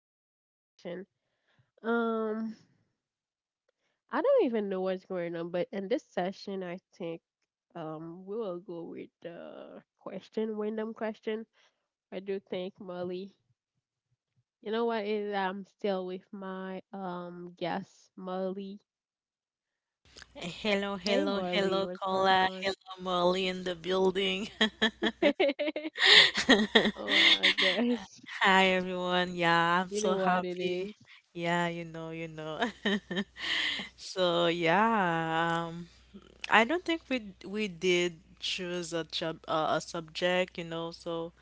Color Connection. Um, I don't even know what's going on, but in this session, I think we will go with the question, random question. I do think Molly. You know what? Is I'm still with my guest Molly. Hello, Hey hello, Molly, hello, what's going Cola. on? Hello, Molly in the building. Oh, I guess Hi, everyone. Yeah, I'm you so know what it happy. is. Yeah, you know, you know. So yeah, I don't think we did choose a job a subject, you know. So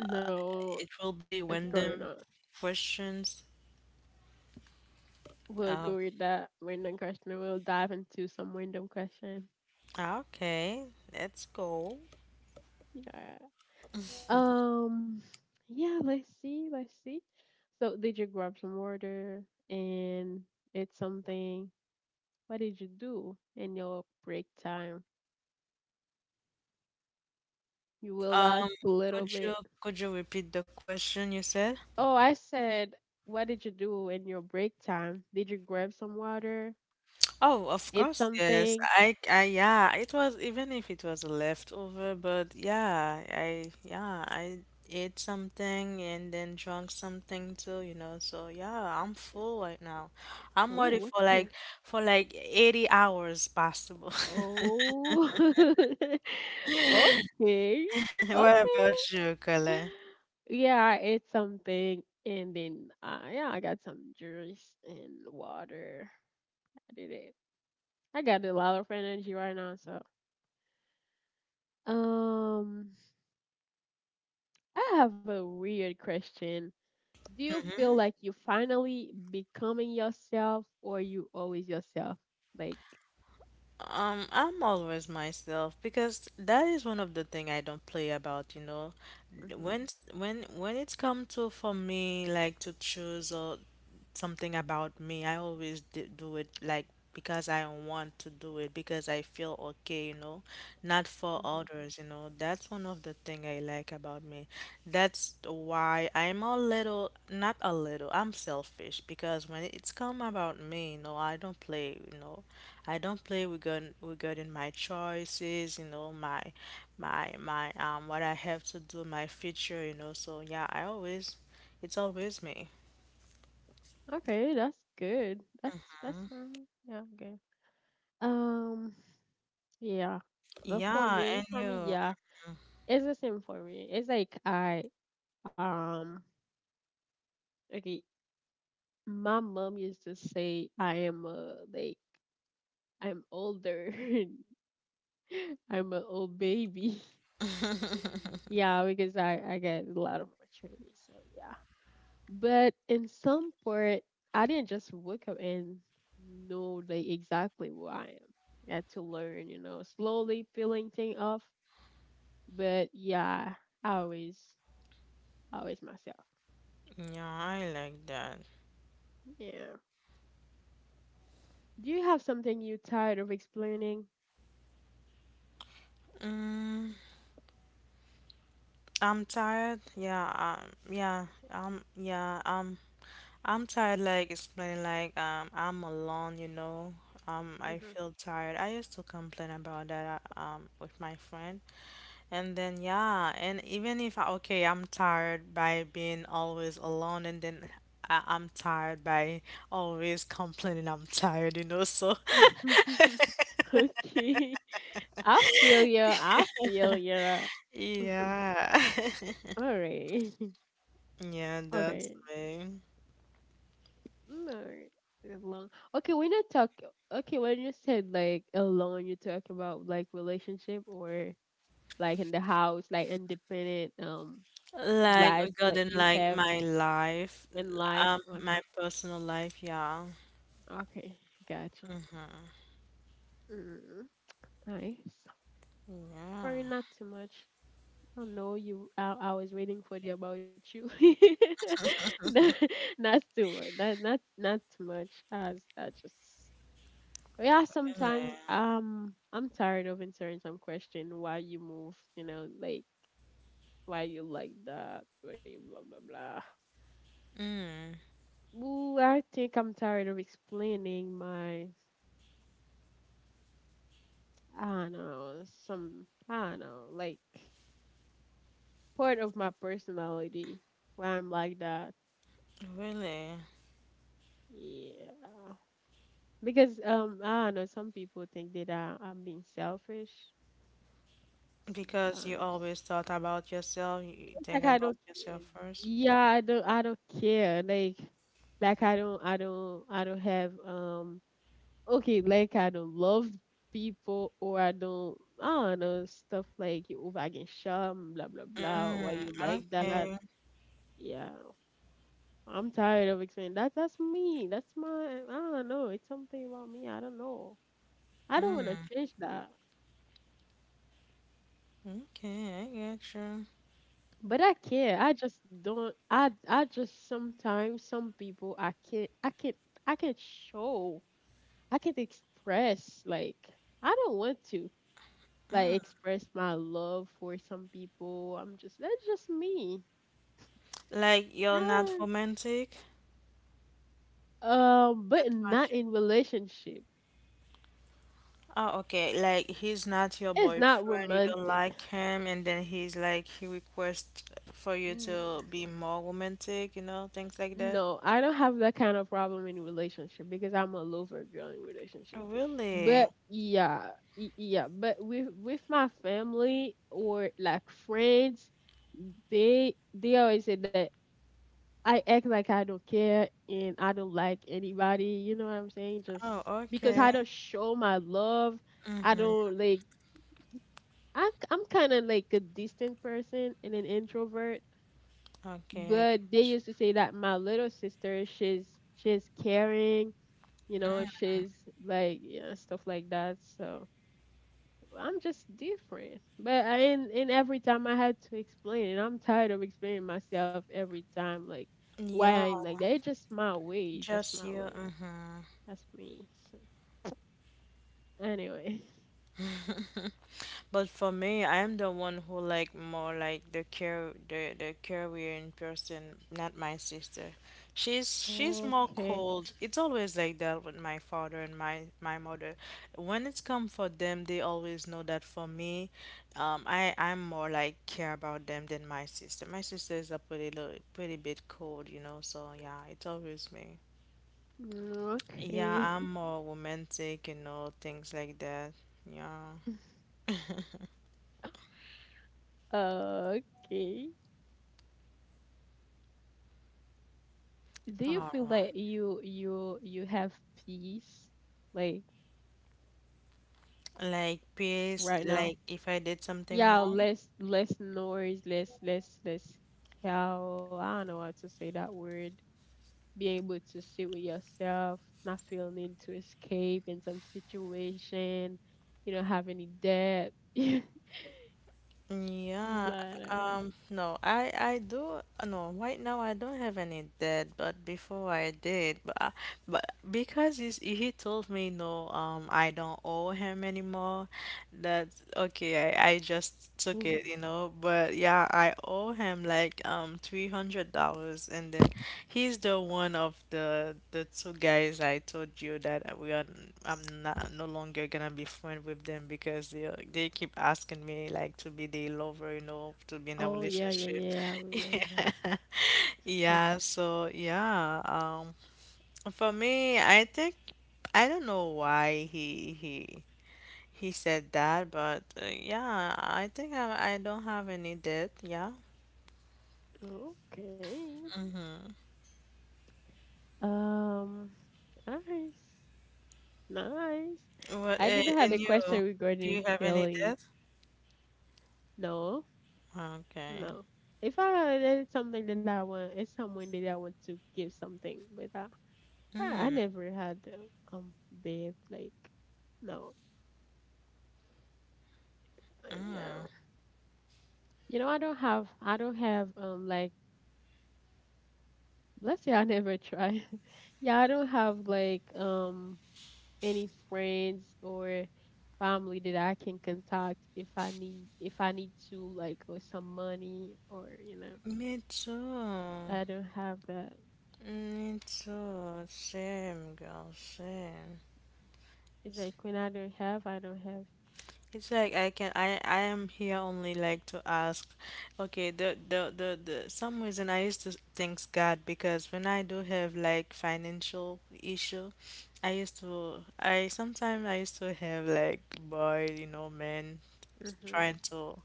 No, it will be what's going random on? questions. We'll Uh, go with that random question. We'll dive into some random question. okay, let's go. Yeah. Um. Yeah. Let's see. Let's see. So, did you grab some water and eat something? What did you do in your break time? You Um, relaxed a little could you bit. could you repeat the question you said? Oh, I said, what did you do in your break time? Did you grab some water? Oh, of Eat course, yes. something. Yeah, it was, even if it was a leftover, but yeah, yeah, I ate something and then drank something too, you know. So yeah, I'm full right now. I'm ready Ooh, okay. For like 80 hours possible. Oh. Okay. What Okay, about you, Colin? yeah, I ate something and then yeah, I got some juice and water. I did it. I got a lot of energy right now, so um I have a weird question. Do you feel Mm-hmm. like you finally becoming yourself or you always yourself? Like I'm always myself because that is one of the thing I don't play about, you know. mhm, When s- when it's come to for me like to choose or something about me. I always do it like because I want to do it because I feel okay, you know, not for mhm. others, you know. That's one of the thing I like about me. That's why I'm a little, not a little, I'm selfish because when it's come about me, you know, I don't play, you know, I don't play regarding my choices, you know, my what I have to do, my future, you know. So yeah, I always, it's always me. Okay, that's good. That's fine. Yeah, okay. Um yeah. But Yeah, and for me, you, yeah. It's the same for me. It's like I Um, okay, my mom used to say I am a like I'm older. I'm an old baby. Yeah, because I get a lot of maturity. So yeah, but in some part, I didn't just wake up and know like exactly who I am. I had to learn, you know, slowly peeling thing off. But yeah, I always always myself. yeah, I like that. Yeah. Do you have something you tired of explaining? I'm tired. Yeah, um, yeah, um, yeah, um, I'm tired. Like explaining, like, I'm alone. You know, I Mm-hmm. feel tired. I used to complain about that, with my friend, and then yeah, and even if I, okay, I'm tired by being always alone, and then I'm tired by always complaining. I'm tired. You know, so Okay. I feel you. I feel you. yeah, All right. yeah, that's Okay. me. No. Alone. Okay, when you talk okay, when you said like alone, you talk about like relationship or like in the house, like independent Like life that regarding you have like my life, in life. Okay. my personal life, yeah. Okay. Gotcha. Mm-hmm. Mm, nice. Yeah, Sorry, not too much. Oh no, you! I was waiting for the about you. No, not too much. Not too much. As I just yeah. really, Sometimes I'm tired of answering some question. Why you move? You know, like why you like that? Why you blah blah blah. Ooh, I think I'm tired of explaining my. I don't know some. I don't know like part of my personality. Why I'm like that. really. Yeah. Because I don't know. Some people think that I'm being selfish Because you sometimes. always thought about yourself, you It's think like I about don't yourself care. first. Yeah, I don't. I don't care. Like I don't. I don't. I don't have. Okay. Like I don't love people, or I don't. I don't know stuff like you over can sham, blah blah blah, or why you like that? Okay, Yeah. I'm tired of explaining that. That's me. That's my. I don't know. It's something about me. I don't know. I don't want to change that. okay, I get you. But I can't. I just don't. I just sometimes some people I can't. I can't. I can't show. I can't express. Like I don't want to. Like express my love for some people. I'm just that's just me. Like you're not Yeah. romantic. But That's what not you. in relationship. Oh, okay. Like he's not your It's not boyfriend. You don't romantic. like him, and then he's like he requests for you to be more romantic. You know, things like that. No, I don't have that kind of problem in relationship because I'm a lover girl in Oh, relationship. really? But yeah, yeah, but with my family or like friends, they always say that I act like I don't care and I don't like anybody, you know what I'm saying? Just Oh, because I okay. don't show my love, I Mm-hmm. don't like I'm kind of like a distant person and an introvert Okay, I but they get used to say that my little sister she's caring you know she's like yeah stuff like that so I'm just different but I and every time I had to explain and I'm tired of explaining myself every time like you. why Yeah, I'm like that. It's just my way, just just my you. way, Mm-hmm. that's me. So anyway, But for me, I am the one who like more like the care the career in person, not my sister. She's more okay. cold. It's always like that with my father and my mother. When it's come for them, they always know that for me, I I'm more like care about them than my sister. My sister is a pretty little, pretty bit cold, you know. So yeah, it's always me. Mm, Yeah, okay. I'm more romantic, you know, things like that. Yeah. Okay, do you All feel that right. you have peace like Like peers, right now? like if I did something Yeah, wrong. less less noise, less cow. I don't know how to say that word. Being able to sit with yourself, not feeling need to escape in some situation. You don't have any debt. Yeah, But, no, I do no, right now I don't have any debt, but before I did, but I, but because he's, he told me no, I don't owe him anymore. That's okay. I just took it, you know. But yeah, I owe him like $300 and then he's the one of the two guys I told you that we are I'm not no longer gonna be friend with them because they keep asking me like to be their lover, you know, to be in a oh yeah, yeah, relationship. yeah. I remember. Yeah, Like, yeah so yeah, for me I think I don't know why he said that, but yeah, I think I don't have any debt, yeah. okay. Mm-hmm. Um. Nice. Nice. Well, I did have a and you, question do you regarding have any healing. debt? No. Okay. No. If I it's something that I want, it's someone that I want to give something, but I I, Mm, I never had bad like no. Yeah. mm. You know, I don't have like let's say I never try. Yeah, I don't have like any friends or family that I can contact if I need to like or some money or you know. Me too. I don't have that. Me too. Same, girl. Same. It's It's like when I don't have, I don't have. it's like I can I am here only like to ask. Okay, the some reason I used to thank God because when I do have like financial issue, I used to I sometimes I used to have like boy, you know, men trying to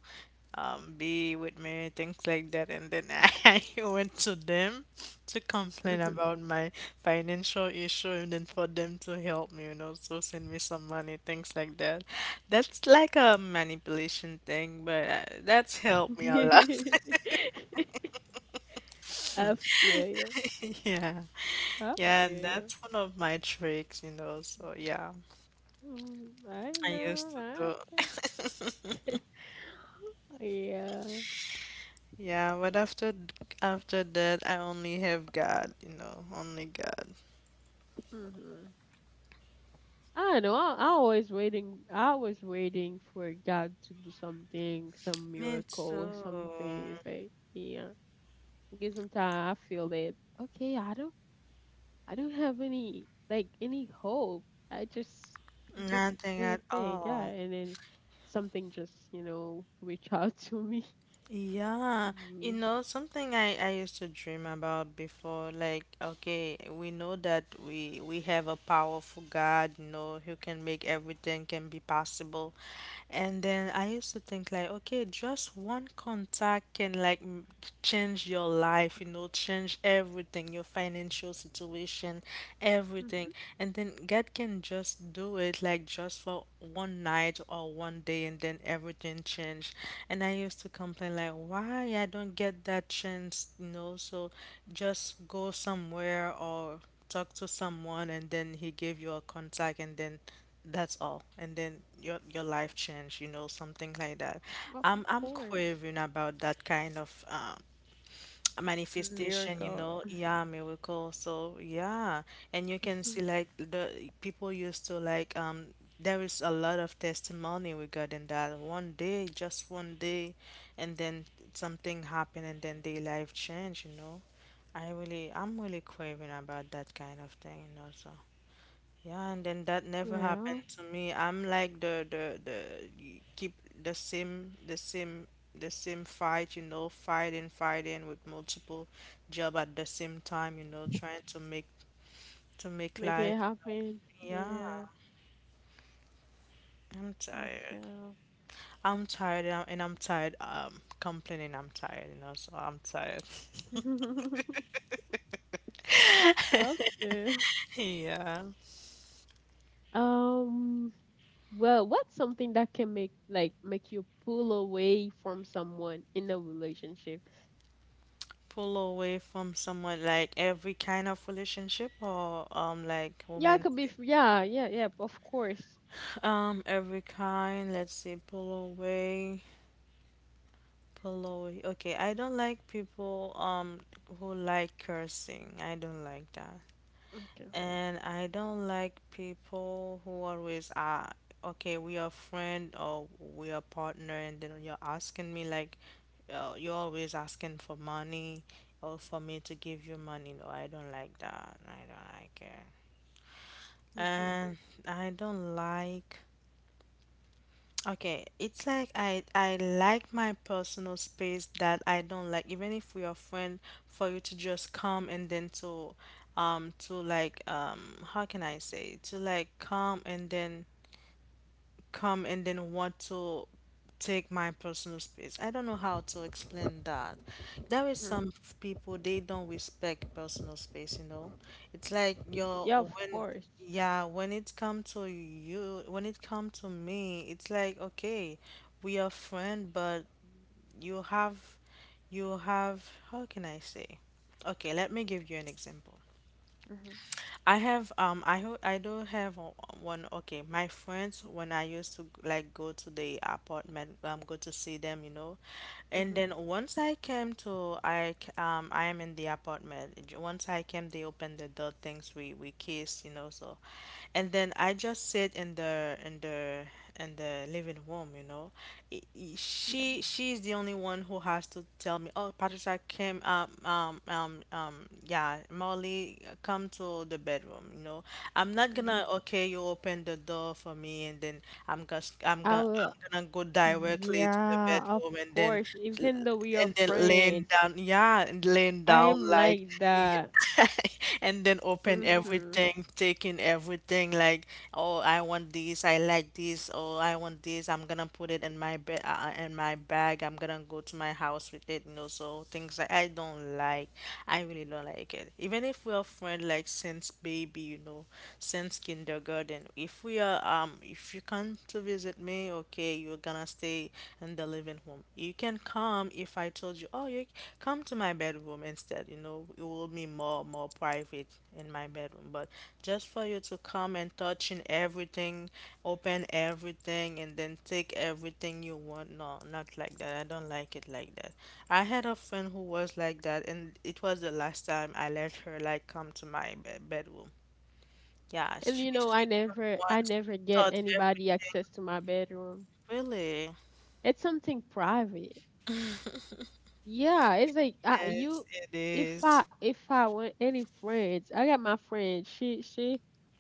be with me, things like that. And then I went to them to complain Mhm. about my financial issue and then for them to help me, you know, so send me some money, things like that. That's like a manipulation thing, but that's helped me a lot. I feel you. Yeah. I feel Yeah, you. that's one of my tricks, you know, so yeah, Mm, I I know. used to I feel. do. yeah. Yeah, but after that, I only have God, you know, only God. Hmm, I don't know. I always waiting. I was waiting for God to do something, some Me miracle, too. something. It's like yeah. Because sometimes I feel that okay, I don't have any like any hope. I just Nothing say at okay, yeah, all. and then something just you know reach out to me. Yeah, you Mm. know, something I used to dream about before, like, okay, we know that we have a powerful God, you know, who can make everything can be possible. And then I used to think like, okay, just one contact can like change your life, you know, change everything, your financial situation, Mhm. everything. And then God can just do it like just for one night or one day and then everything changed. And I used to complain like, why I don't get that chance, you know, so just go somewhere or talk to someone and then he gave you a contact and then that's all. And then your life change, you know, something like that. Of I'm course, craving about that kind of manifestation, you miracle. know, yeah, miracle. So yeah. And you can Mhm. see like the people used to like there is a lot of testimony regarding that. One day, just one day, and then something happened and then their life changed, you know. I'm really craving about that kind of thing, you know, so yeah, and then that never Yeah, happened to me. I'm like keep the same the same fight, you know, fighting, fighting with multiple job at the same time, you know, trying to make make it life. happen. Yeah, Yeah, I'm I tired. feel. I'm tired and and I'm tired complaining I'm tired, you know, so I'm tired. Okay. Yeah. Um. Well, what's something that can make like make you pull away from someone in a relationship? Pull away from someone like every kind of relationship or like Yeah, it women. could be. Yeah, yeah, yeah. Of course. Every kind. Let's see, pull away. Okay, I don't like people who like cursing. I don't like that, Okay. and I don't like people who always are. Okay, we are friend or we are partner, and then you're asking me like, you're always asking for money or for me to give you money. No, I don't like that. I don't like it. Mm-hmm. And I don't like okay, it's like I like my personal space that I don't like even if we are friend for you to just come and then to how can I say to like come and then want to take my personal space. I don't know how to explain that. There is Mm-hmm. some people they don't respect personal space, you know. It's like your Yeah, of when course. yeah, when it come to you, when it come to me, it's like okay, we are friend, but you have you have how can I say? Okay, let me give you an example. Mm-hmm. I have I do have o- one okay my friends when I used to like go to the apartment go to see them you know and Mm-hmm. then once I came to I am in the apartment once I came they opened the door things we kissed you know so and then I just sit in the living room, you know. Yeah. She she's the only one who has to tell me, "Oh, Patricia came yeah, Molly come to the bedroom," you know. I'm not Mm-hmm. gonna, "Okay, you open the door for me and then I will. I'm gonna go directly to the Yeah, of bedroom and then course. Even though we are laying friends, down, yeah, and laying I down am like, like y- that. and then open Mm-hmm. everything, taking everything, like, oh, I want this, I like this, oh, I want this, I'm gonna put it in my bed, in my bag, I'm gonna go to my house with it, you know, so things like I don't like, I really don't like it. Even if we are friends, like since baby, you know, since kindergarten, if we are, if you come to visit is it me? Okay, you're gonna stay in the living room. You can come if I told you, oh, you come to my bedroom instead. You know, it will be more private in my bedroom. But just for you to come and touching everything, open everything, and then take everything you want. No, not like that. I don't like it like that. I had a friend who was like that, and it was the last time I let her like come to my bedroom. Yeah, And you she know, came I once, never she get touched anybody everything. access to my bedroom. Really? It's something private. Yeah, it's like Yes, you. it is. If I want any friends, I got my friend. She she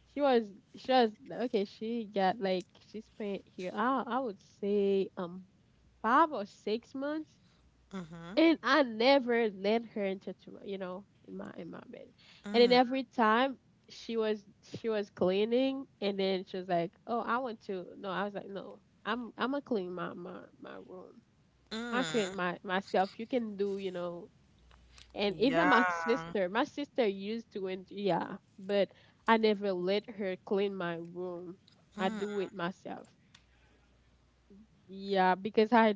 she was she was okay. She got like she spent here. I would say five or six months, and I never let her into to my you know in my bed, and then every time she was she was cleaning, and then she was like, oh, I want to. No, I was like, no, I'm gonna clean my my room. I clean my myself. You can do, you know, and even Yeah. My sister used to it yeah but I never let her clean my room. I do it myself. Yeah, because i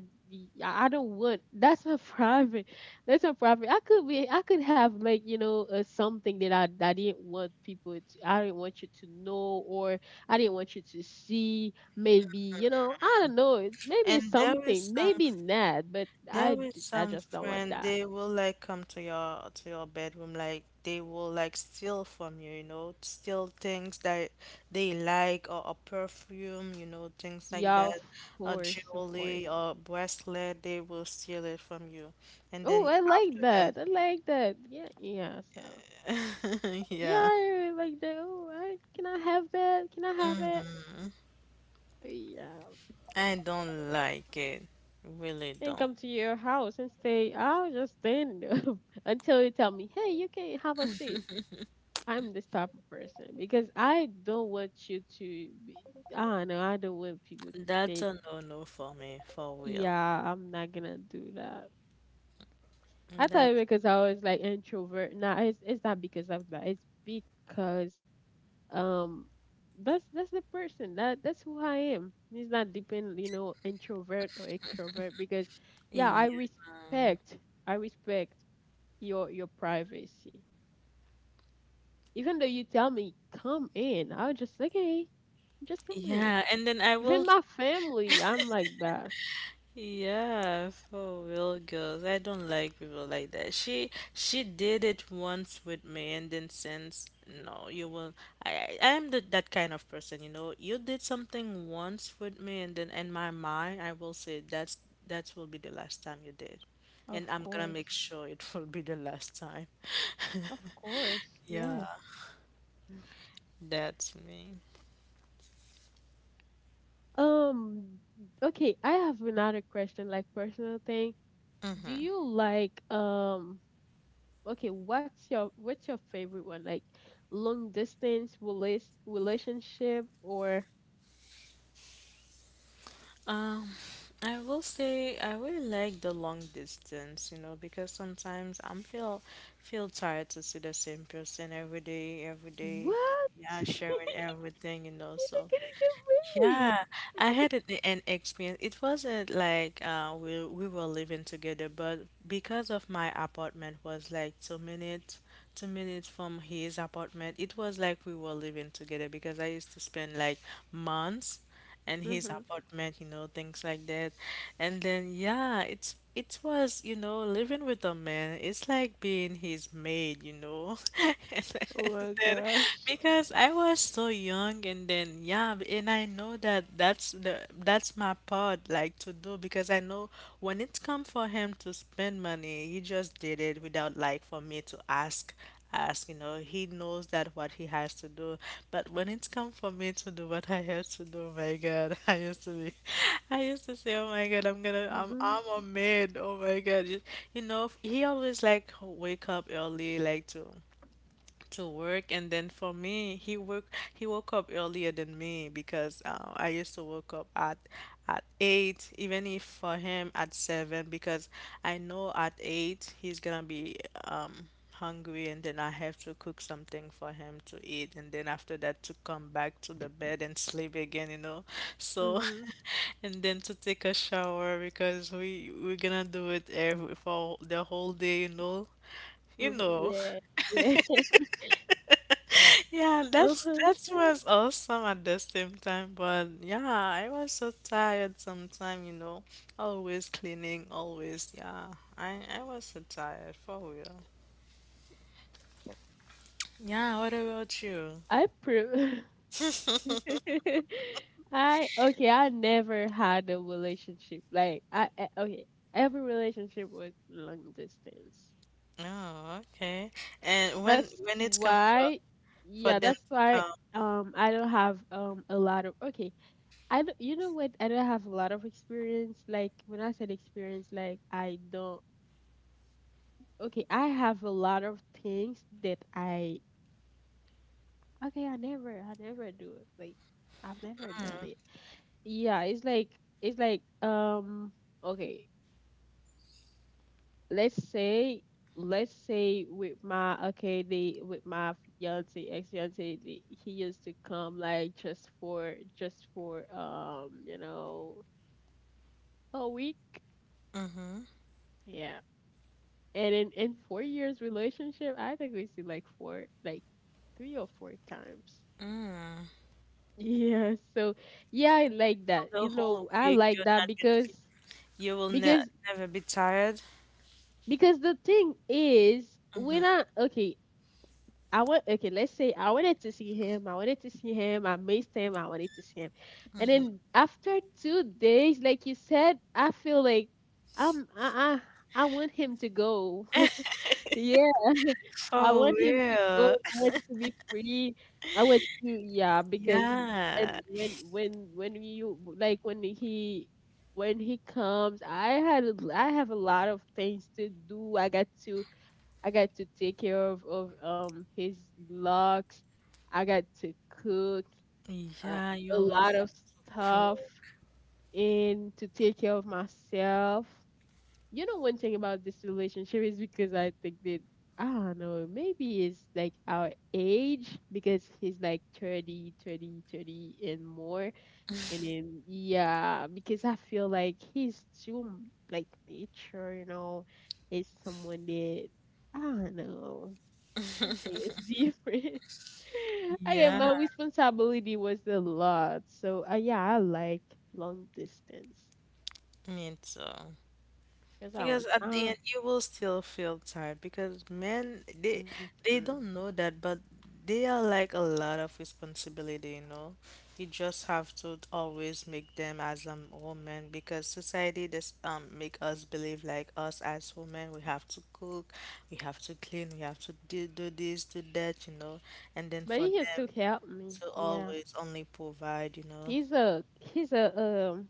i don't want that's a private. That's a private. I could be I could have like you know something that I didn't want people to I didn't want you to know or I didn't want you to see maybe you know I don't know it- maybe it's And something maybe not but i there is d- i some just don't want friend that. they will like come to your bedroom like they will like steal from you, you know, steal things that they like or a perfume, you know, things like Yeah, of that, a course, of course. jewelry or bracelet, they will steal it from you. And Oh, then I like after that. I like that. Yeah, yeah. So that, yeah, yeah, I really like that. Oh, I, can I have that? Can I have it? Yeah. I don't like it. Really And don't. come to your house and stay. I'll just stay in the, until you tell me, hey, you can have a seat. I'm this type of person because I don't want you to be. I don't know. I don't want people to That's think, a no-no for me, for real. yeah, I'm not gonna do that. I thought it That's because I was like introvert. Nah, it's not because of that. It's because um that's the person that that's who I am. It's not depend you know introvert or extrovert because yeah yeah, I respect your privacy. Even though you tell me come in, I was just like okay, just come in. yeah, and then I Even will, my family I'm like that. yeah, for real girls. I don't like people like that. She did it once with me, and then since no, you will. I am the, that kind of person, you know. You did something once with me, and then in my mind, I will say that will be the last time you did, Of and I'm gonna make course, sure it will be the last time. of course. Yeah, Yeah. that's me. um okay, I have another question like personal thing. Do you like okay, what's your favorite one? Like long distance relas relationship or Uh, I will say I really like the long distance, you know, because sometimes I'm feel feel tired to see the same person every day, every day. what? Yeah, You're sharing everything, you know. not So gonna get yeah, married. I had an experience. It wasn't like we were living together, but because of my apartment was like two minutes from his apartment, it was like we were living together because I used to spend like months in his Mm-hmm. apartment, you know, things like that. And then yeah, it was, you know, living with a man, it's like being his maid, you know. And Oh my then gosh. because I was so young and then yeah, and I know that that's my part like to do because I know when it's come for him to spend money, he just did it without like for me to ask. You know, he knows that what he has to do. But when it's come for me to do what I have to do, oh my God, I used to be, I used to say, oh my God, Mm-hmm. I'm a maid. Oh my God, you know, he always like wake up early, like to work and then for me he woke up earlier than me because I used to wake up at 8 even if for him at 7 because I know at 8 he's gonna be um hungry and then I have to cook something for him to eat and then after that to come back to the bed and sleep again, you know, so Mm-hmm. and then to take a shower because we're gonna do it every for the whole day, you know, you Hmm. know, Yeah. Yeah. yeah, Oh that's my that god. was awesome at the same time, but yeah, I was so tired sometime, you know, always cleaning, always, yeah. I was so tired for real. Yeah, what about you? I prove. I okay. I never had a relationship. Like okay. Every relationship was long distance. Oh, okay. And when That's when it's come why, for yeah, them that's to why come I don't have a lot of okay. I don't, you know what? I don't have a lot of experience. Like when I said experience, like I don't okay, I have a lot of things that I okay, I never do it. Like I've never done it. Yeah, it's like okay. Let's say, let's say with my, okay, the with my fiance, ex fiance, he used to come like just for, just for you know, a week. Yeah. And in 4 years relationship, I think we see like four, like three or four times. Yeah, so yeah, I like for that, the you know, whole I week, like you're that not gonna because, be, you will ne because never be tired. because the thing is Mhm. when I, okay, I went, okay, let's say I wanted to see him. I wanted to see him. I missed him. I wanted to see him. And then after 2 days, like you said, I feel like I I want him to go. Yeah. I For want him to go. real. I want to be free. I want to, yeah, because when Yeah. when when when you like when he, when he comes, I have a lot of things to do. I got to take care of his locks. I got to cook uh, Yeah, you a always lot of have to stuff cook. and to take care of myself. You know, one thing about this relationship is because I think that I don't know, maybe it's like our age because he's like 30, thirty, 30 and more. And then, yeah, because I feel like he's too like mature, you know, it's someone that I don't know. Something is different. Okay, Yeah. my responsibility was a lot. So yeah, I like long distance Me too. because I Because want. at the end, you will still feel tired because men, hmm. they don't know that, but they are like a lot of responsibility, you know. You just have to always make them as a woman because society does make us believe like us as women, we have to cook, we have to clean, we have to do, do this, do that, you know. And then But for he has to them help me. to Yeah, always only provide, you know. he's a um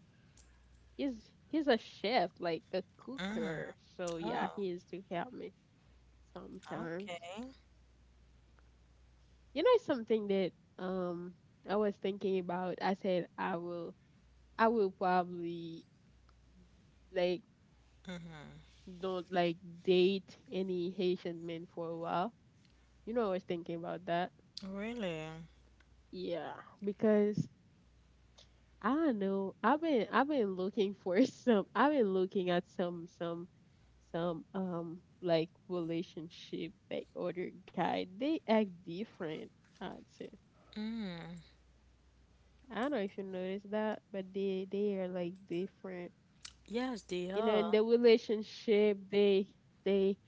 he's he's a chef, like a cooker. So yeah, Oh, he has to help me sometimes. okay. You know something that um I was thinking about. I said I will, I will probably, like, don't like date any Haitian men for a while. You know, I was thinking about that. Really? Yeah, because I don't know. I've been looking for some. I've been looking at some some like relationship, like other guy. They act different. I'd say. I don't know if you noticed that, but they are like different. Yes, they You know, in are. the relationship, they,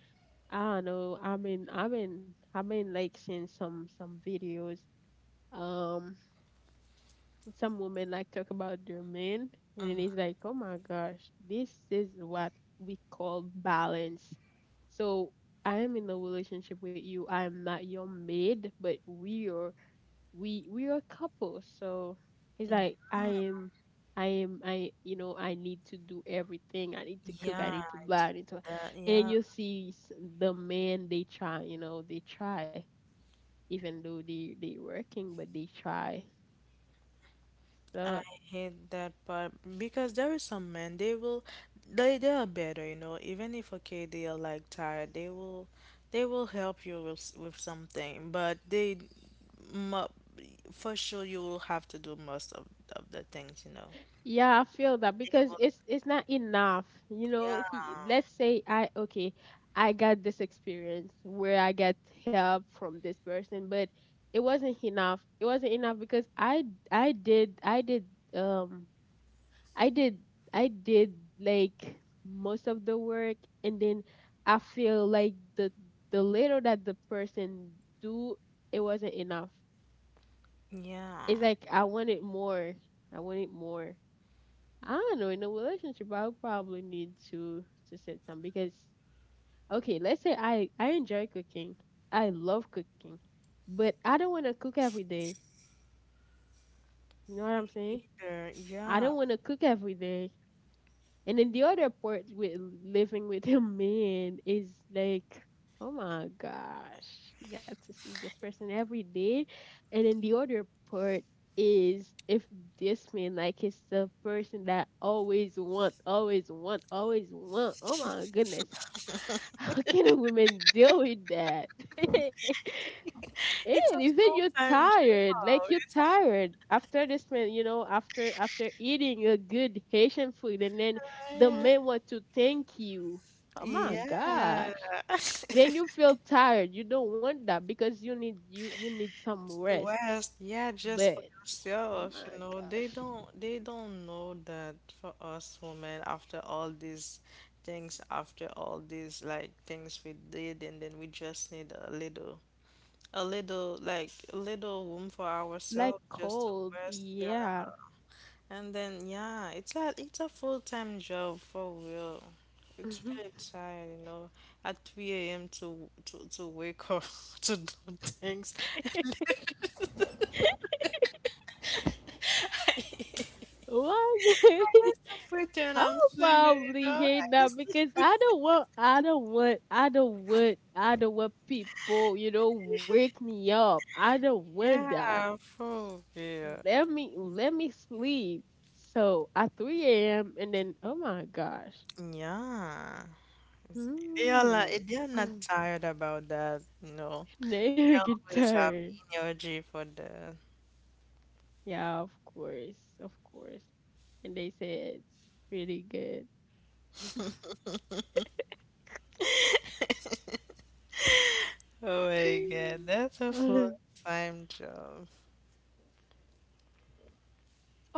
I don't know. I mean, I've been like seeing some videos. Um, some women like talk about their men, and it is like, oh my gosh, this is what we call balance. So I am in a relationship with you. I am not your maid, but we are, we are a couple. So he's like, I am, I am, I you know, I need to do everything, I need to cook, I Yeah, need to blah, it's I need to. And that then yeah, you see the men, they try, you know, they try even though they working, but they try. I So hate that part because there is some men they will they are better, you know. Even if okay they are like tired, they will help you with with something, but mu- for sure you will have to do most of the things, you know. yeah, I feel that They because will, it's not enough. You yeah, know, he, let's say I, okay, I got this experience where I got help from this person, but it wasn't enough. It wasn't enough because I did um I did I did like most of the work. And then I feel like the little that the person do, it wasn't enough. It's yeah, like I wanted more. I wanted more. I don't know. In a relationship, I'll probably need to set some. Because, okay, let's say I enjoy cooking. I love cooking, but I don't want to cook every day. You know what I'm saying? sure, I yeah. don't want to cook every day. And then the other part with living with a man is like, oh my gosh, you got to see this person every day. And then the other part is if this man, like, is the person that always want, always want, always want. Oh my goodness, how can a woman deal with that? And It's a even you're full-time tired, like you're job. tired after this man, you know, after, after eating a good Haitian food, and then the man It's, want to thank you. Oh my yeah. gosh! And then you feel tired. You don't want that because you you need some To rest. West, yeah, just But for oh yourself, you my know. Gosh, They don't know that for us women, after all these things, after all these like things we did, and then we just need a little like a little room for like ourselves just to cold, rest, yeah. yeah. And then yeah, it's a full-time job for real. It's very tired, you know, at 3 a.m. to to wake up to do things. Why? It's a I'm I'll swimming, you probably know. I hate that just because I don't want, I don't want, I don't want, I don't want people, you know, wake me up. I don't want that. yeah, for real. Let me sleep. So at 3 a.m., and then, oh my gosh, Yeah. It's- They are like, hmm, they are not tired about that, you know. now They you get always have tired. energy for that. Yeah, of course, of course. And they say it's pretty good. Oh my God, that's a full-time job.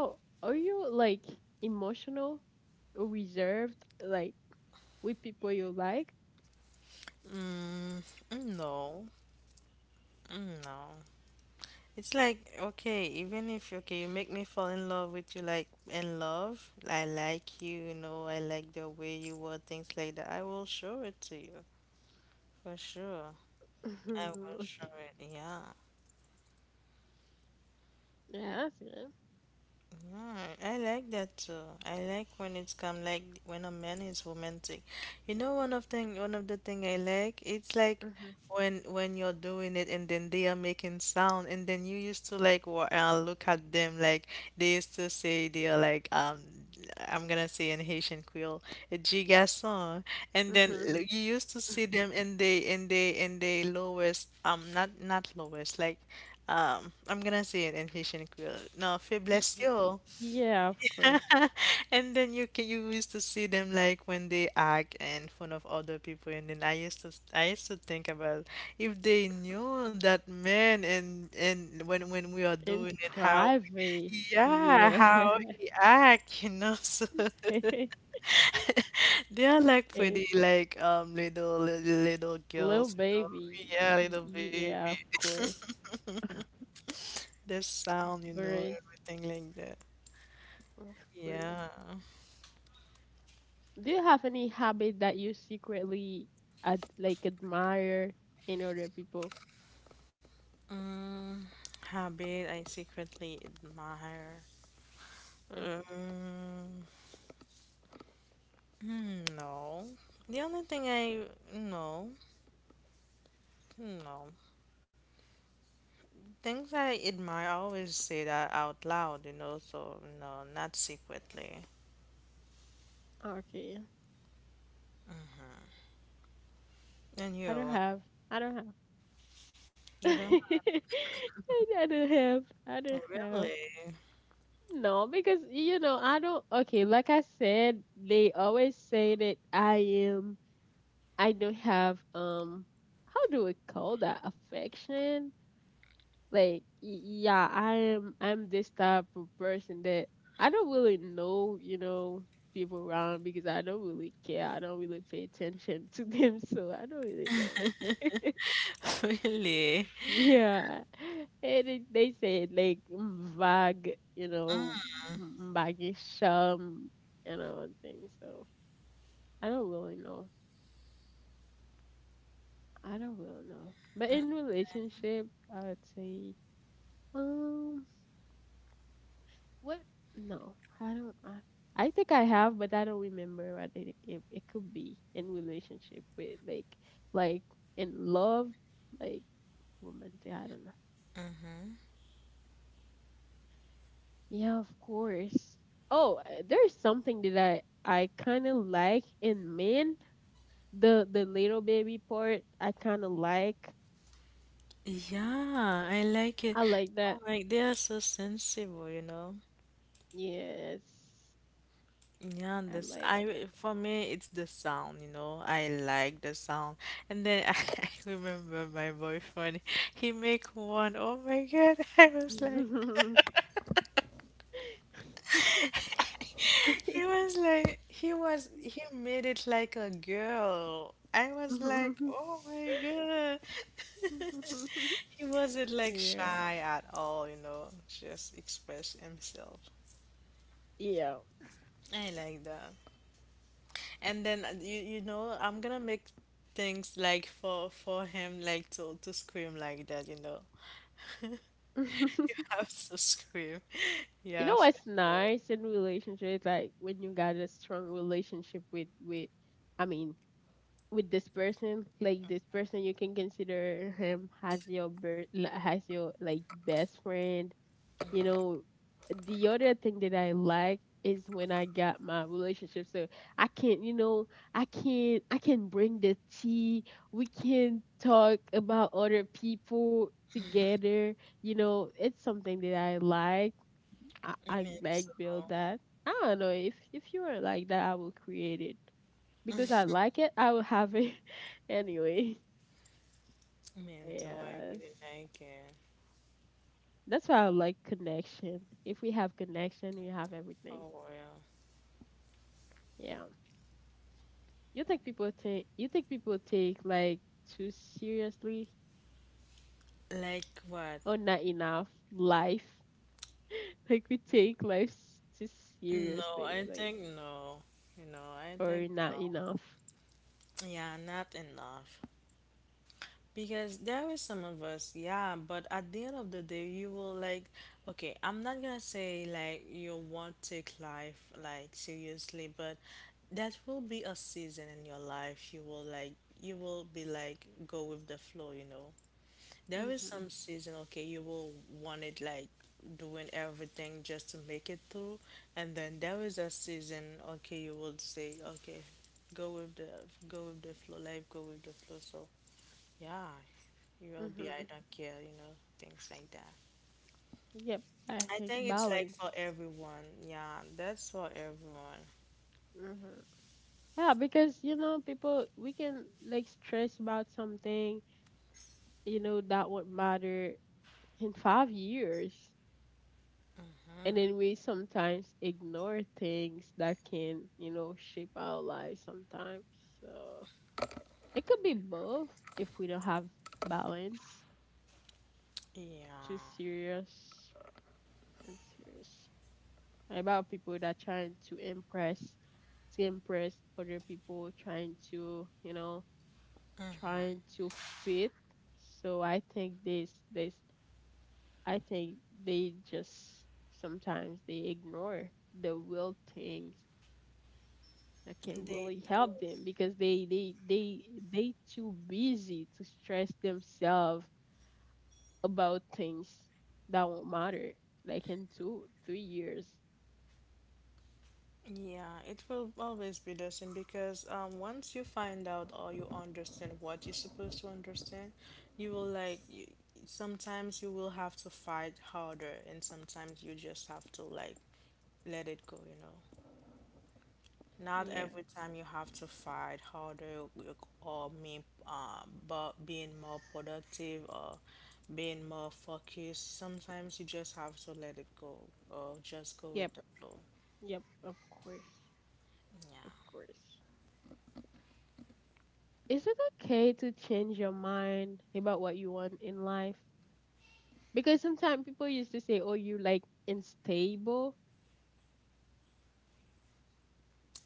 Oh, are you like emotional reserved, like with people you like? Mm, no, mm, no. It's like okay, even if okay, you make me fall in love with you, like in love, I like you know, I like the way you were, things like that. I will show it to you for sure. I Mhm, will okay. show it. Yeah, Yes, yeah, that's good. yeah, I like that too. I like when it's come like when a man is romantic. You know, one of the thing I like, it's like Mhm, when you're doing it and then they are making sound and then you used to like look at them like they used to say they are like I'm gonna say in Haitian Creole, gigason, and then mhm. You used to see them in they lowest not not lowest like I'm gonna say it in Haitian Creole. No, Y- faiblesse y- y- yo. Yeah, of course. And then you used to see them like when they act in front of other people, and then I used to think about if they knew that man and when we are In doing it, how private, yeah, yeah. how he act, you know. So they are like pretty It's like little little, little little girls, you know. baby. Yeah, little Y- baby. yeah, of course, Their sound, you know, course, everything like that. of course. Yeah. Do you have any habit that you secretly like admire in other people? Mm, habit I secretly admire. Mm. Mm, mm, no. The only thing I no, no. Things I admire, I always say that out loud, you know, so no, not secretly. Okay. And I don't you, have. I don't have. you I don't I don't have. I don't have. really, No, because you know, I don't, okay, like I said, they always say that I am, I don't have, how do we call that, affection? Like, yeah, I am, I'm this type of person that I don't really know, you know, people around because I don't really care. I don't really pay attention to them, so I don't really know. really. Yeah. And it, they said like mm, vague, you know, baggy sham, you know, things. So I don't really know. I don't really know. But in relationship, I would say, um, what? No, I don't. I think I have, but I don't remember what it, it could be in relationship with, like in love, like romantic. I don't know. Yeah, of course. Oh, there's something that I kind of like in men. The little baby part, I kind of like. Yeah, I like it. I like that. Oh my, they are so sensible, you know. Yes, Yeah, I this like that. I for me it's the sound, you know. I like the sound. And then I, remember my boyfriend, he make one, oh my God, I was like he was like he was he made it like a girl. I was like, oh my God. He wasn't like Yeah, shy at all, you know, just express himself. yeah. I like that. And then you you know I'm gonna make things like for him like to scream like that, you know. You have to scream. You Yeah, know for what's sure. nice in relationships, like when you got a strong relationship with, I mean, with this person, like this person you can consider him as your as your like best friend. You know, the other thing that I like is when I got my relationship, so I can, you know, I can bring the tea, we can talk about other people together. You know, it's something that I like. I I mean like so build that. I don't know if you are like that, I will create it because I like it, I will have it anyway. I mean so I Yes. really like it That's why I like connection. If we have connection, we have everything. for real. Yeah. You think people take, you think people take like too seriously Like what? or not enough life? Like we take life too No, seriously, I like, think no. You know, I or think not no. enough. Yeah, not enough. Because there is some of us, yeah, but at the end of the day, you will like, okay, I'm not gonna say like you won't take life like seriously, but that will be a season in your life. You will like, you will be like, go with the flow, you know. There is Mhm. some season, okay, you will want it like doing everything just to make it through, and then there is a season, okay, you will say, okay, go with the go with the flow, life, go with the flow. So yeah, you will be, Mhm. I don't care, you know, things like that. Yep. I I think think it's like for balance. everyone. Yeah, that's for everyone. Mhm. Yeah, because you know people, we can like stress about something, you know, that would matter in 5 years. And then we sometimes ignore things that can, you know, shape our lives sometimes. So it could be both if we don't have balance, too Yeah. serious and serious. About people that trying to impress other people, trying to, you know, trying to fit. So I think this I think they just, sometimes they ignore the real things that can They really do. help them because they they too busy to stress themselves about things that won't matter like in 2 3 years. Yeah, it will always be the same because once you find out or you understand what you're supposed to understand, you will like, you, sometimes you will have to fight harder and sometimes you just have to like let it go, you know. Not Yeah. every time you have to fight harder or mean, but being more productive or being more focused, sometimes you just have to let it go or just go Yep. with the flow. Yep. Of course. Of Yeah. course. Is it okay to change your mind about what you want in life? Because sometimes people used to say, "Oh, you like unstable."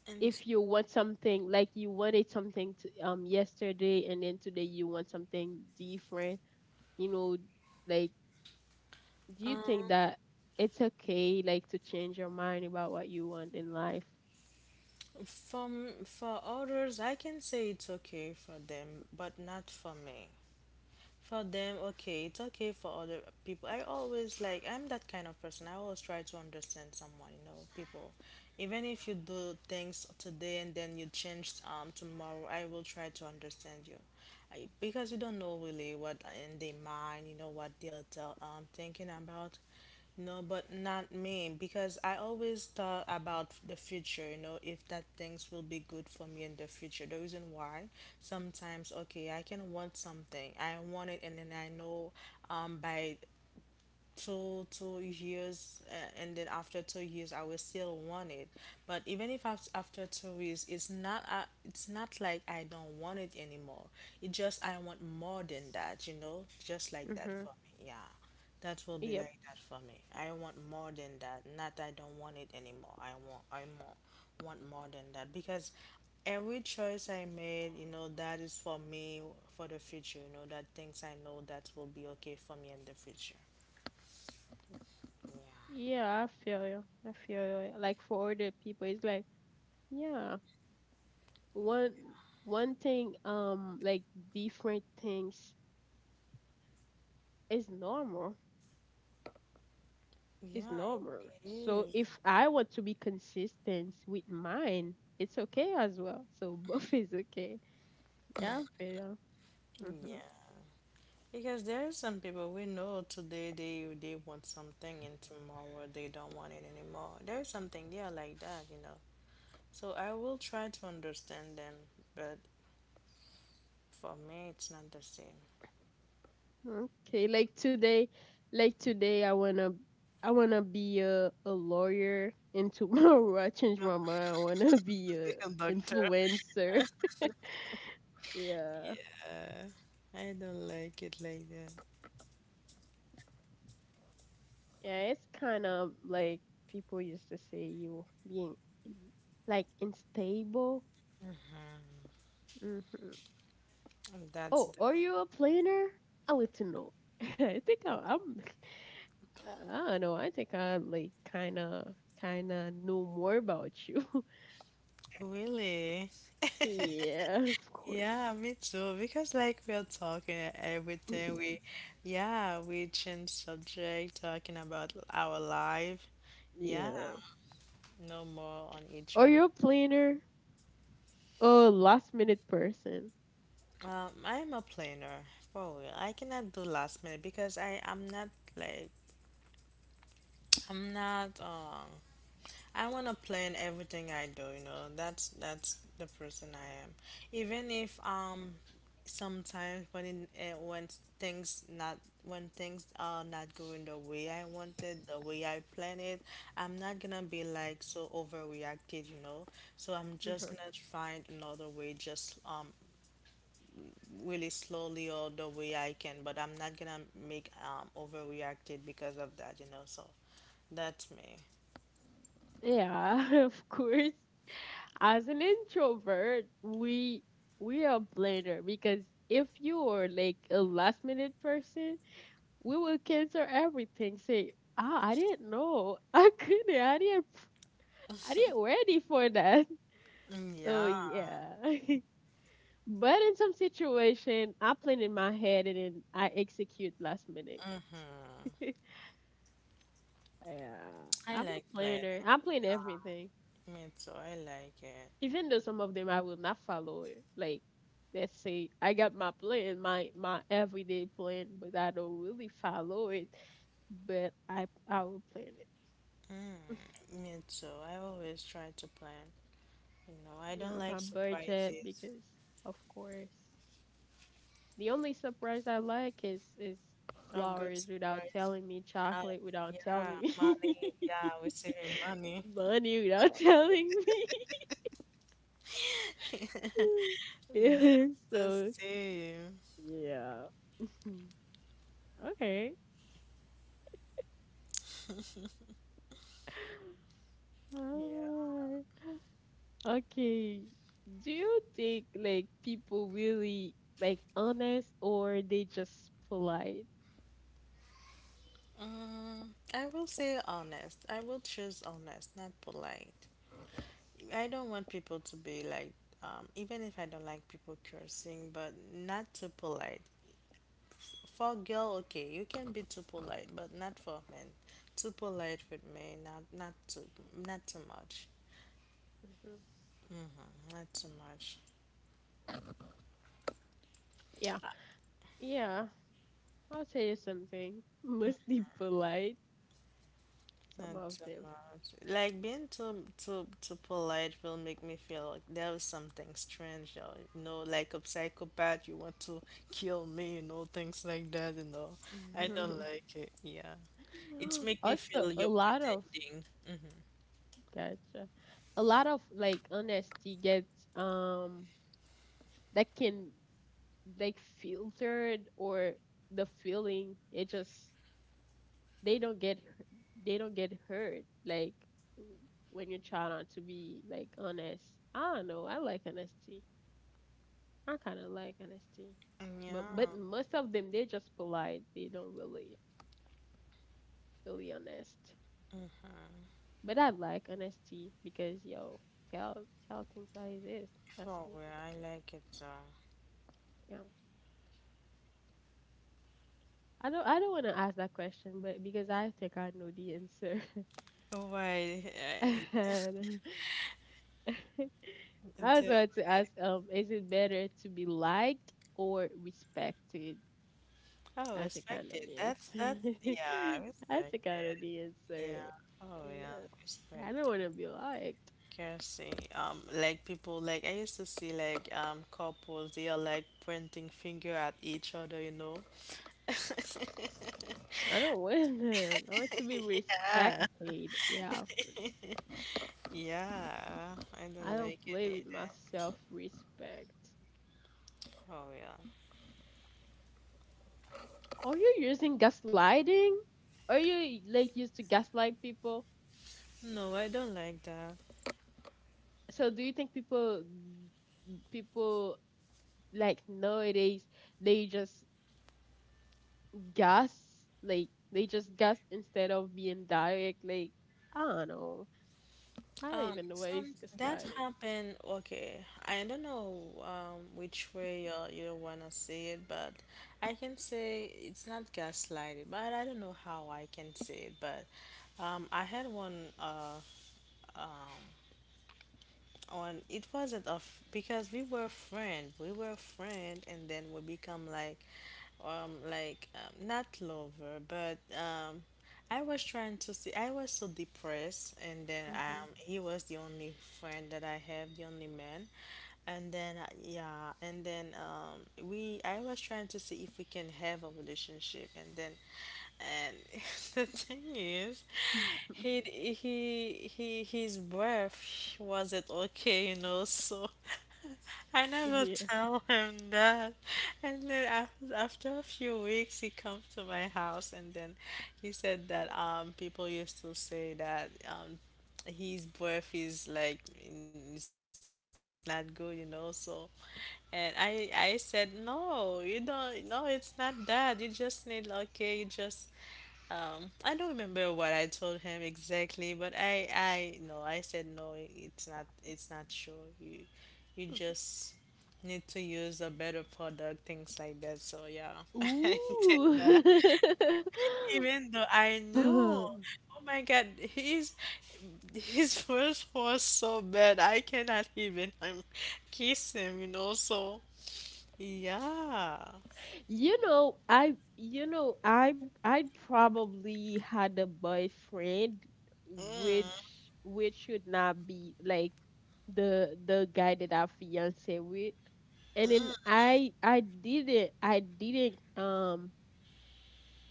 And If you want something, like you wanted something to, yesterday, and then today you want something different, you know, like, do you think that it's okay, like, to change your mind about what you want in life? from for others, I can say it's okay for them, but not for me. For them, okay, it's okay for other people. I always like, I'm that kind of person. I always try to understand someone, you know, people. Even if you do things today and then you change tomorrow, I will try to understand you. I, because you don't know really what in their mind, you know, what thinking about. No, but not me because I always thought about the future, you know, if that things will be good for me in the future. The reason why sometimes okay, I can want something. I want it, and then I know by two years, and then after 2 years I will still want it. But even if after 2 years, it's not, it's not like I don't want it anymore. It just, I want more than that, just like that Mhm. for me, yeah. That will be Yep. like that for me. I want more than that, not I don't want it anymore. I want i more want more than that, because every choice I made, that is for me, for the future, that things I know that will be okay for me in the future. Yeah, I feel you. I feel you. Like for other people, it's like, yeah, one Yeah. one thing like different things is normal, is Yeah, normal. it So is. if I want to be consistent with mine, it's okay as well. So both is okay. Yeah, fair. Mm-hmm. Yeah. Because there are some people we know today, they want something, and tomorrow they don't want it anymore. There is something they are like that, you know. So I will try to understand them, but for me it's not the same. Okay, like today, I wanna be a lawyer, and tomorrow I change my mind. I wanna be a Doctor. influencer. Yeah, I don't like it like that. yeah. It's kind of like people used to say you being like unstable. Hmm. That's Oh, the- are you a planner? I need to know. I think I, I'm. I don't know. I think I like kind of know more about you. Really? Yeah, of course. Yeah, me too. Because, like, we are talking everything, we, yeah, we change subject, talking about our life. Yeah, Yeah. no more on each Are other. you a planner? Oh, last minute person. I am a planner, for real. I cannot do last minute because I am not, like, I'm not, I want to plan everything I do, you know. That's the person I am. Even if, sometimes when, when things not when things are not going the way I wanted, the way I planned it, I'm not gonna be, like, so overreacted, you know. So I'm just Mhm. gonna find another way, just, really slowly or the way I can. But I'm not gonna make, overreacted because of that, you know. So that's me. Yeah, of course. As an introvert, we are planner because if you are like a last minute person, we will cancel everything. Say, ah, I didn't know. I couldn't. I didn't. I didn't ready for that. Mm, So yeah, yeah. But in some situation, I plan in my head and then I execute last minute. Yeah, I I'm like a plan. planner. I plan everything, Me too, I like it. even though some of them I will not follow it. Like, let's say I got my plan, my everyday plan, but I don't really follow it. But I will plan it. Mm, me too. I always try to plan. You know, I Yeah, don't like about budget surprises. because of course the only surprise I like is A good flowers without surprise. telling me, Uh, chocolate without telling yeah, me, money. Yeah, we're saving money. money without telling me. Yeah, That's the so same. yeah. Okay. Yeah. Uh, okay. Do you think like people really like honest or they just polite? I will say honest. I will choose honest, not polite. I don't want people to be, like, even if I don't like people cursing, but not too polite. For girl, okay, you can be too polite, but not for men. Too polite with me, not not too, not too much, Mhm. not too much, Yeah. Yeah. I'll tell you something. Must be polite, some not of too them. much. Like being too polite will make me feel like there is something strange, or, like a psychopath. You want to kill me, things like that. I don't like it. Yeah, it make me Also, feel a you're lot of pretending. gotcha. A lot of like honesty gets that can like filtered or the feeling it just they don't get hu- they don't get hurt like when you try not to be like honest. I don't know. I like honesty. I kind of like honesty, but Yeah. most of them they're just polite. They don't really honest. But I like honesty because yo, tell tell things how it is. That's For me. real, I like it though. Yeah. I don't wanna ask that question, but because I think I know the answer. Why? And I was Until about to ask, is it better to be liked or respected? Oh, I think I respect know it. the That's, answer. yeah, I respect think I know it. the answer. Yeah. Oh yeah, Yeah. respect. I don't wanna be liked. Cursing. Like people, like, I used to see, like, couples, they are, like, pointing finger at each other, you know. I don't want them. I want to be Yeah. respected. Yeah. Yeah, I I don't don't like it play with my either. self respect. Oh yeah. Are you using gaslighting? Are you like used to gaslight people? No, I don't like that. So do you think people people like nowadays they just gas like they just gas instead of being direct like I don't know. I don't even know what is Some that gaslighting. happened. Okay, I don't know, which way, you wanna say it, but I can say it's not gaslighting. But I don't know how I can say it. But, I had one, um on it wasn't of because we were friend, and then we become like, like, not lover, but. I was trying to see. I was so depressed, and then, Mhm. he was the only friend that I have, the only man. And then, yeah, and then, we. I was trying to see if we can have a relationship, and then, and the thing is, he his breath wasn't okay, you know. So I never Yeah. tell him that. And then, after a few weeks, he comes to my house, and then he said that, people used to say that, his breath is, like, it's not good, you know. So, and I said, no, you don't. No, it's not that. You just need, okay. You just, I don't remember what I told him exactly, but, I no, I said, no. It's not sure. You just need to use a better product, things like that. So yeah, I did Ooh. that. Even though I knew, oh my God, his voice was so bad. I cannot even, kiss him. You know, so yeah. You know, I you know, I probably had a boyfriend which should not be like the guy that I fiance with. And then I didn't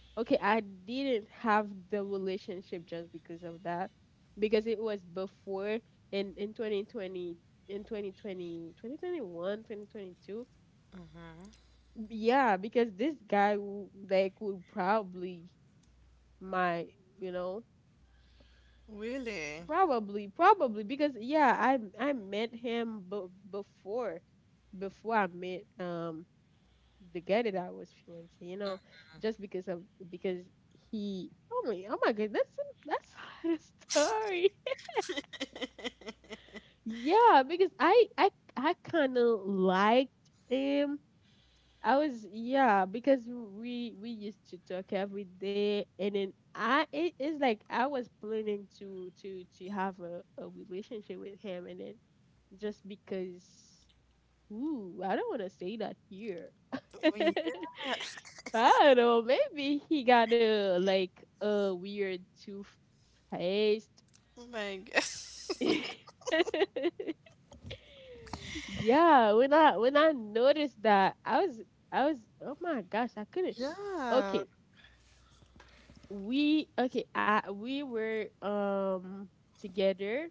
okay, I didn't have the relationship just because of that. Because it was before in 2020 in 2020 in 2021 2021, twenty two. Yeah, because this guy like would probably my, you know, Really. Probably because yeah, I met him before I met the guy that I was fiancé, you know, just because of because he oh my god, that's the story. Yeah, because I kind of liked him I was yeah because we used to talk every day and then I it is like I was planning to have a relationship with him and then just because ooh I don't want to say that here. I Oh, yeah. don't know, maybe he got a like a weird toothpaste. Oh my God. Yeah, when I noticed that I was oh my gosh I couldn't Yeah. Oh okay we okay we were together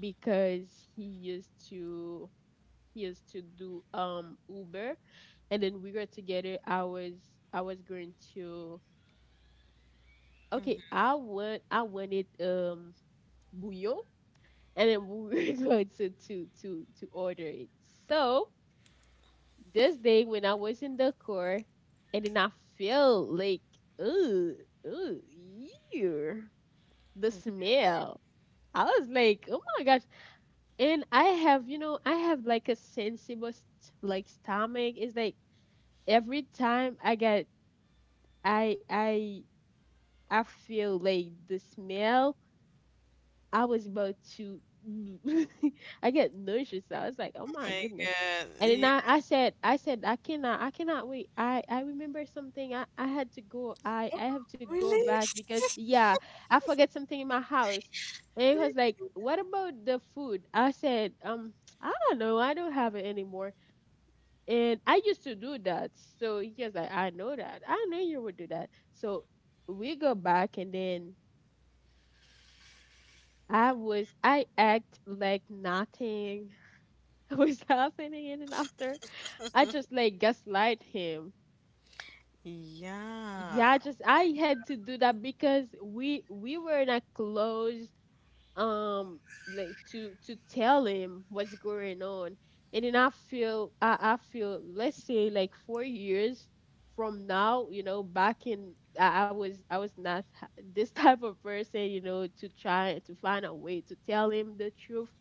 because he used to do uber and then we were together I was going to okay I wanted bouillon and then we were going to order it so this day when I was in the car and then I feel like ooh ooh ew, the smell. I was like, oh my gosh. And I have, you know, I have like a sensible like stomach. It's like every time I get I feel like the smell I was about to, I get nauseous. So I was like, oh my my goodness. god. And then Yeah. I said, I cannot, wait. I remember something. I had to go. I have to go Really? back because yeah, I forget something in my house. And it was like, what about the food? I said, I don't know. I don't have it anymore. And I used to do that. So he was like, I know that. I know you would do that. So we go back and then I act like nothing was happening in and after. I just like gaslight him. Yeah. Yeah, just I Like, had to do that because we were not close um like to tell him what's going on. And then I feel let's say like 4 years from now, you know, back in I was not this type of person, you know, to try to find a way to tell him the truth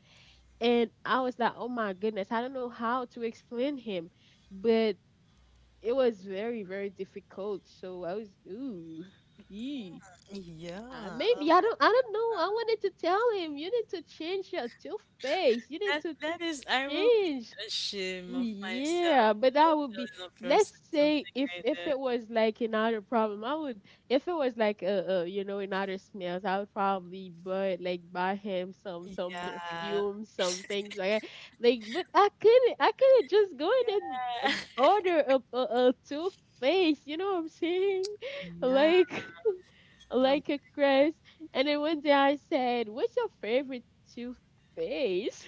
and I was like, oh my goodness, I don't know how to explain him, but it was very, very difficult. So I was, ooh, ee. Yeah. Oh, Maybe I don't know. I wanted to tell him, you need to change your toothpaste. You need That to that is, I will be change. ashamed of myself, Yeah, but you that would be telling a let's person something say like if that. it was like another problem, I would if it was like you know another smells, I would probably buy like buy him some Yeah. perfume, some things like that. Like, but I couldn't just go in and Yeah. order a toothpaste. You know what I'm saying? Yeah. Like Oh my god. like a crest. And then one day I said, "What's your favorite toothpaste?"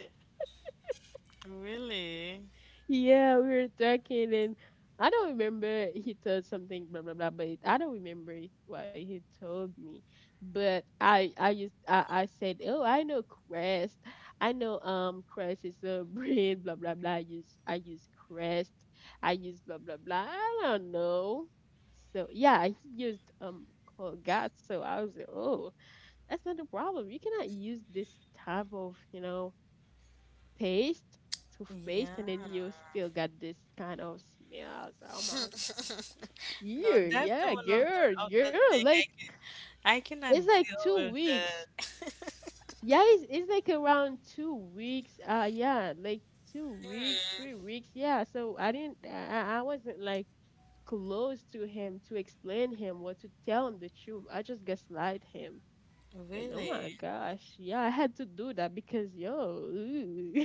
Really? Yeah, we were talking, and I don't remember he told something blah blah blah, but I don't remember what he told me. But I used I said, oh, I know Crest is a brand blah blah blah. I use Crest, I use blah blah blah. I don't know. So yeah, he used Colgate. So I was like, oh, that's not a problem. You cannot use this type of you know paste to face, and Yeah. then you still got this kind of smells. Oh my, No, yeah, that's the yeah, one of the girl, of the girl. thing, Like I it's cannot like deal two with weeks. that. Yeah, it's like around 2 weeks. Yeah, like two weeks, three Hmm. weeks. Yeah. So I didn't. I I wasn't like close to him to explain him what to tell him the truth. I just gaslight him. And oh my Really? gosh, yeah, I had to do that because yo, ooh.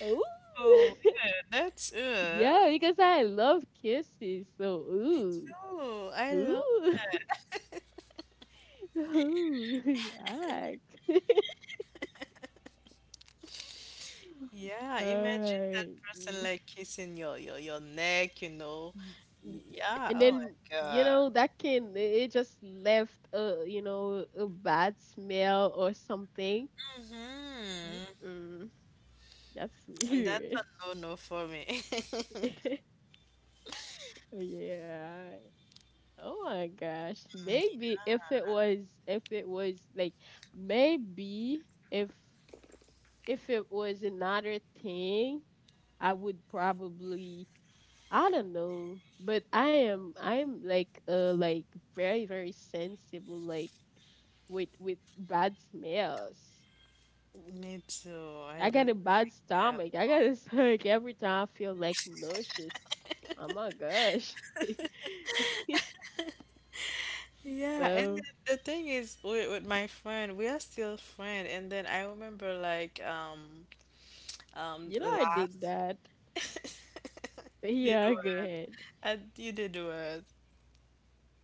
Ooh. Oh, yeah, that's, Yeah, because I love kisses. So me ooh, too. I love. ooh, ooh, I like. Yeah, imagine that Alright. person Mm, like kissing your neck, you know. mm, mm. Yeah. And Oh my then you God. know that can it just left a you know a bad smell or something. Mm-hmm. Mm-mm, that's And that's a weird. no-no for me. Yeah. Oh my gosh. Maybe if it was like maybe if it was another thing, I would probably I don't know, but I am like very very sensible like with bad smells. Me too. I I got don't. a bad Yeah. stomach. I got a stomach every time I feel like nauseous. Oh my gosh. Yeah, and then So the thing is, with my friend, we are still friend. And then I remember, like, you know I did last. that. You did Yeah, go what? ahead. You did what?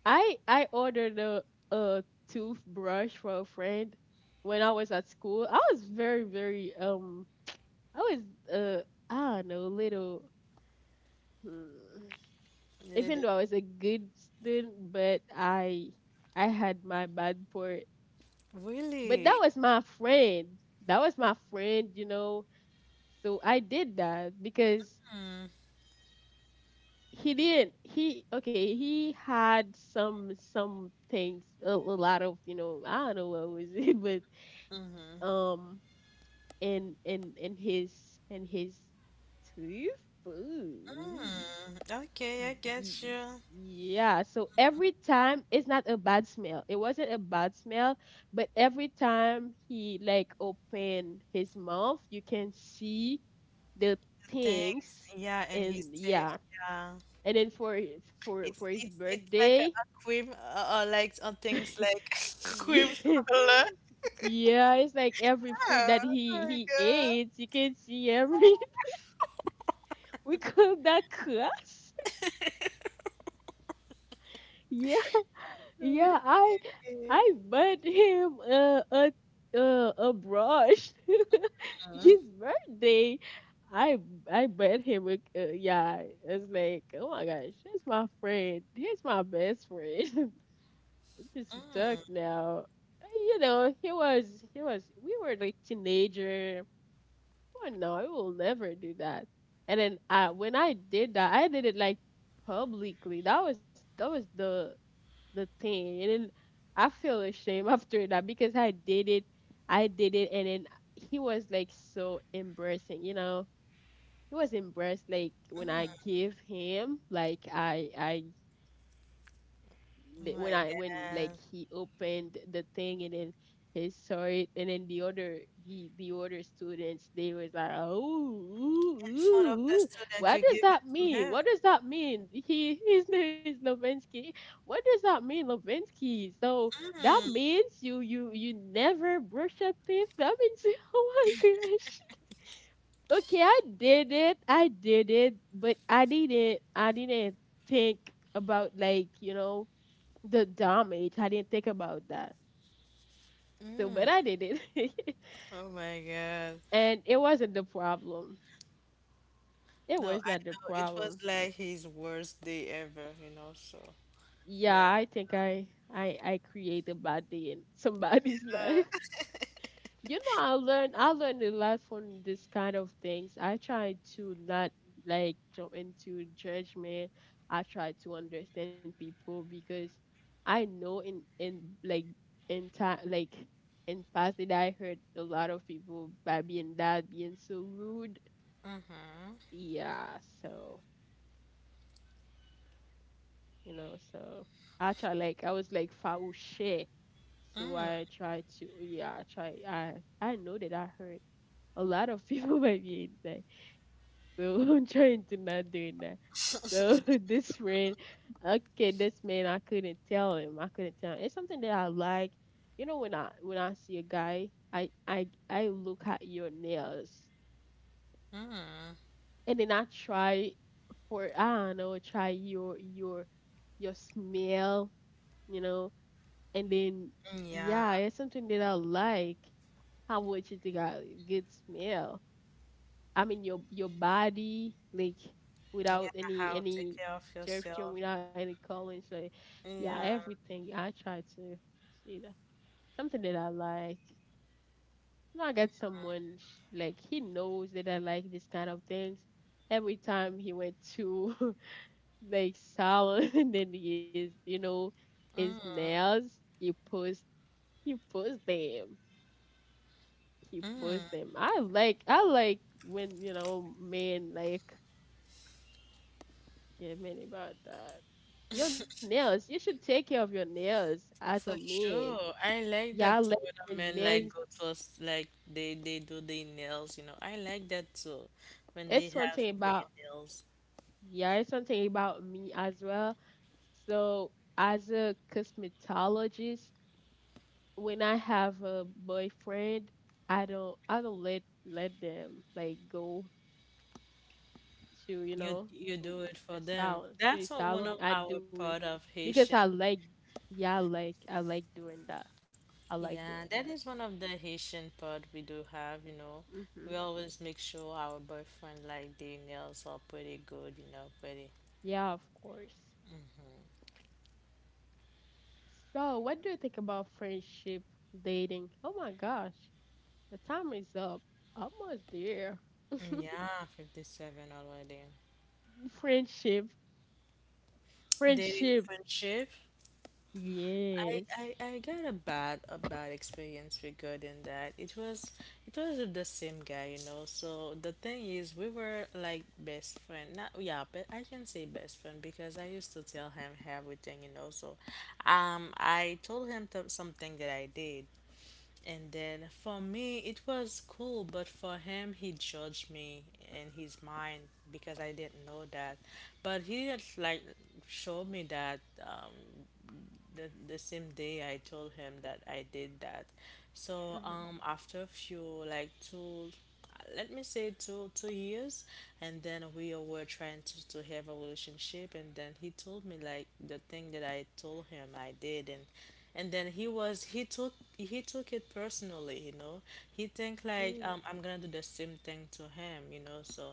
I ordered a toothbrush for a friend when I was at school. I was very very I was uh I don't know little mm, You even did though I was a good student, but I had my bad part. But that really? was my friend. That was my friend, you know. So I did that because he didn't he okay he had some things a lot of you know I don't know what was it but Mm-hmm. um in his in his toothpick. Hmm. Okay, I get Y- you. Yeah, so every time it's not a bad smell. It wasn't a bad smell, but every time he like opened his mouth, you can see the Thanks. things Yeah, and he's and safe. yeah. Yeah. And then for It's his it's it's like birthday, a cream, like on things, like, cream yeah, color. yeah, it's like every food that Oh, my he God. ate, you can see everything. We call that class. Yeah, yeah. Really? Mhm. I bought him a brush. His birthday. I I bought him a yeah. It's like oh my gosh, he's my friend. He's my best friend. We just stuck now. You know, he was. We were like teenager. Oh no, I will never do that. And then I when I did that, I did it like publicly. That was the thing. And then I feel ashamed after that because I did it. I did it and then he was like so embarrassing, you know. He was embarrassed like when I Oh give him, like when I my when like God. he opened the thing and then he saw it and then the other the other students they was like oh ooh, ooh, In front of the ooh. student, What you does give it that to mean, him. what does that mean, he his name is Levinsky. What does that mean Levinsky? So that Mm. means you never brush your teeth, that means you, oh my gosh, okay I did it, I did it, but I didn't think about like you know the damage. I didn't think about that. So, but I did it. Oh my God. And it wasn't the problem. It No, was I not the know. It was problem. like his worst day ever, you know, so yeah. Yeah, I create a bad day in somebody's life. Uh, You know I learned a lot from this kind of things, I try to not like jump into judgment, I try to understand people because I know in like in time like in past that I hurt a lot of people by being that being so rude, yeah, so you know so I was like foul shit, so I try to yeah I know that I hurt a lot of people by being that, so I'm trying to not do that. So this friend, okay, this man, I couldn't tell him. I couldn't tell. Him. It's something that I like. You know, when I see a guy, I I look at your nails, and then I try for I don't know, try your your smell, you know, and then Yeah, yeah, it's something that I like. How much you think I good smell? I mean your body like yeah, without any how take care of suggestion, yourself. without any calling. So yeah, Yeah, everything I try to see that something that I like. You know, I got someone like he knows that I like this kind of things. Every time he went to like salon, and then he is you know his nails. He post them. He post them. I like when you know men like get mad about that. Your nails. You should take care of your nails as for a man. sure. I like that too Yeah, when like a man, when like, go men. to us, like, they do their nails, you know. I like that too when they It's one have thing pretty about nails. yeah. It's one thing about me as well. So as a cosmetologist, when I have a boyfriend, I don't let them like go to you You know you do it for the them. salon That's beauty what one of salon. I our do it part of because Haitian. I like yeah I like doing that. I Yeah, like that doing is one that. of the Haitian part we do have, you know. We Mm-hmm. always make sure our boyfriend, like, their nails are pretty good, you know, pretty. Yeah, of course. So, what do you think about friendship, dating? Oh my gosh, the time is up. Almost there. Yeah, 57 already. Friendship, Dating friendship. friendship. I, Yes. I got a bad experience regarding that. It was with the same guy, you know. So the thing is, we were like best friend. Not, yeah, but I can say best friend because I used to tell him everything, you know. So, I told him, something that I did, and then for me it was cool, but for him he judged me in his mind because I didn't know that, but he didn't, like, show me that. Um, the same day I told him that I did that. So, Mhm. after a few, like, two let me say two years, and then we were trying to have a relationship, and then he told me, like, the thing that I told him I did, and then he took it personally, you know. He think, like, Mm, I'm gonna do the same thing to him, you know, so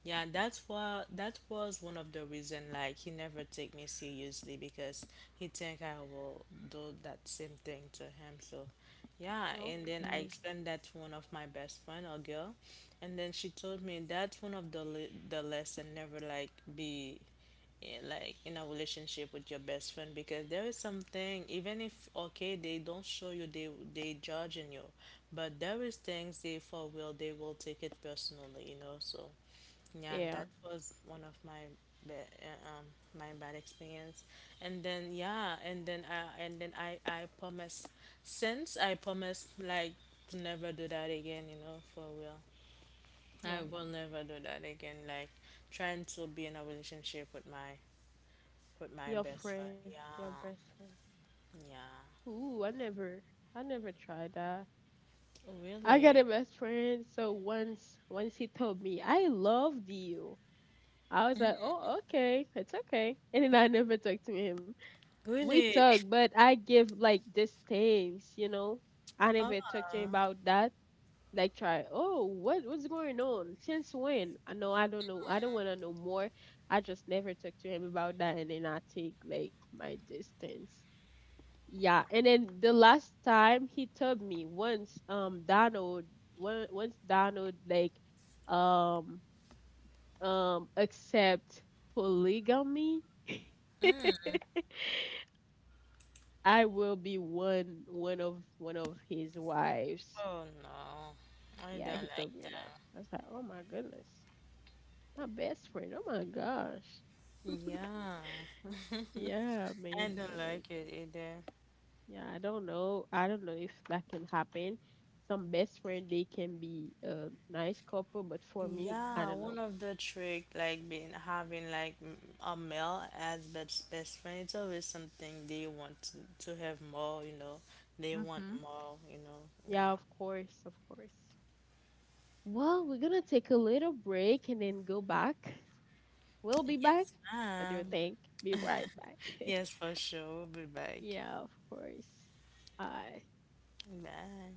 yeah, that's why that was one of the reason, like, he never take me seriously, because he think I will do that same thing to him. So yeah, and then I okay. explained that to one of my best friend, a girl, and then she told me that's one of the lesson, never, like, be, like, in a relationship with your best friend, because there is something, even if okay they don't show you, they judging you, but there is things they will take it personally, you know. So yeah, that Yeah, was one of my, ba- uh, um my bad experience. And then yeah, and then I promise, since I promise, like, to never do that again, you know, for real. yeah. I will never do that again. Like trying to be in a relationship with my Your best friend. friend, Yeah. your best friend. Yeah. Ooh, I never tried that. I got Really? a best friend, so once he told me, I loved you. I was like, oh, okay, it's okay. And then I never talked to him, we Really? talk, but I give like these things, you know. I Oh, never talked to him about that. Like try, oh, what what's going on? Since when? I know. I don't wanna know more. I just never talked to him about that and then I take like my distance. Yeah. And then the last time he told me, once Donald one once Donald like um accept polygamy I will be one of his wives. oh no. I Yeah, don't he like told me that. that. I was like, oh my goodness, my best friend. Oh my gosh. Yeah. Yeah, I man. So don't like, like it either. yeah, I don't know. I don't know if that can happen. Some best friend they can be a nice couple, but for me, Yeah, I don't one know. of the trick, like, being having, like, a male as best friend, it's always something they want to have more, you know. They want Mm-hmm. more, you know. Yeah, Yeah. of course, of course. Well, we're gonna take a little break and then go back. We'll be back. Yes, I do ma'am. think. Be right back. Yes, for sure. We'll be back. Yeah, of course. I, Bye.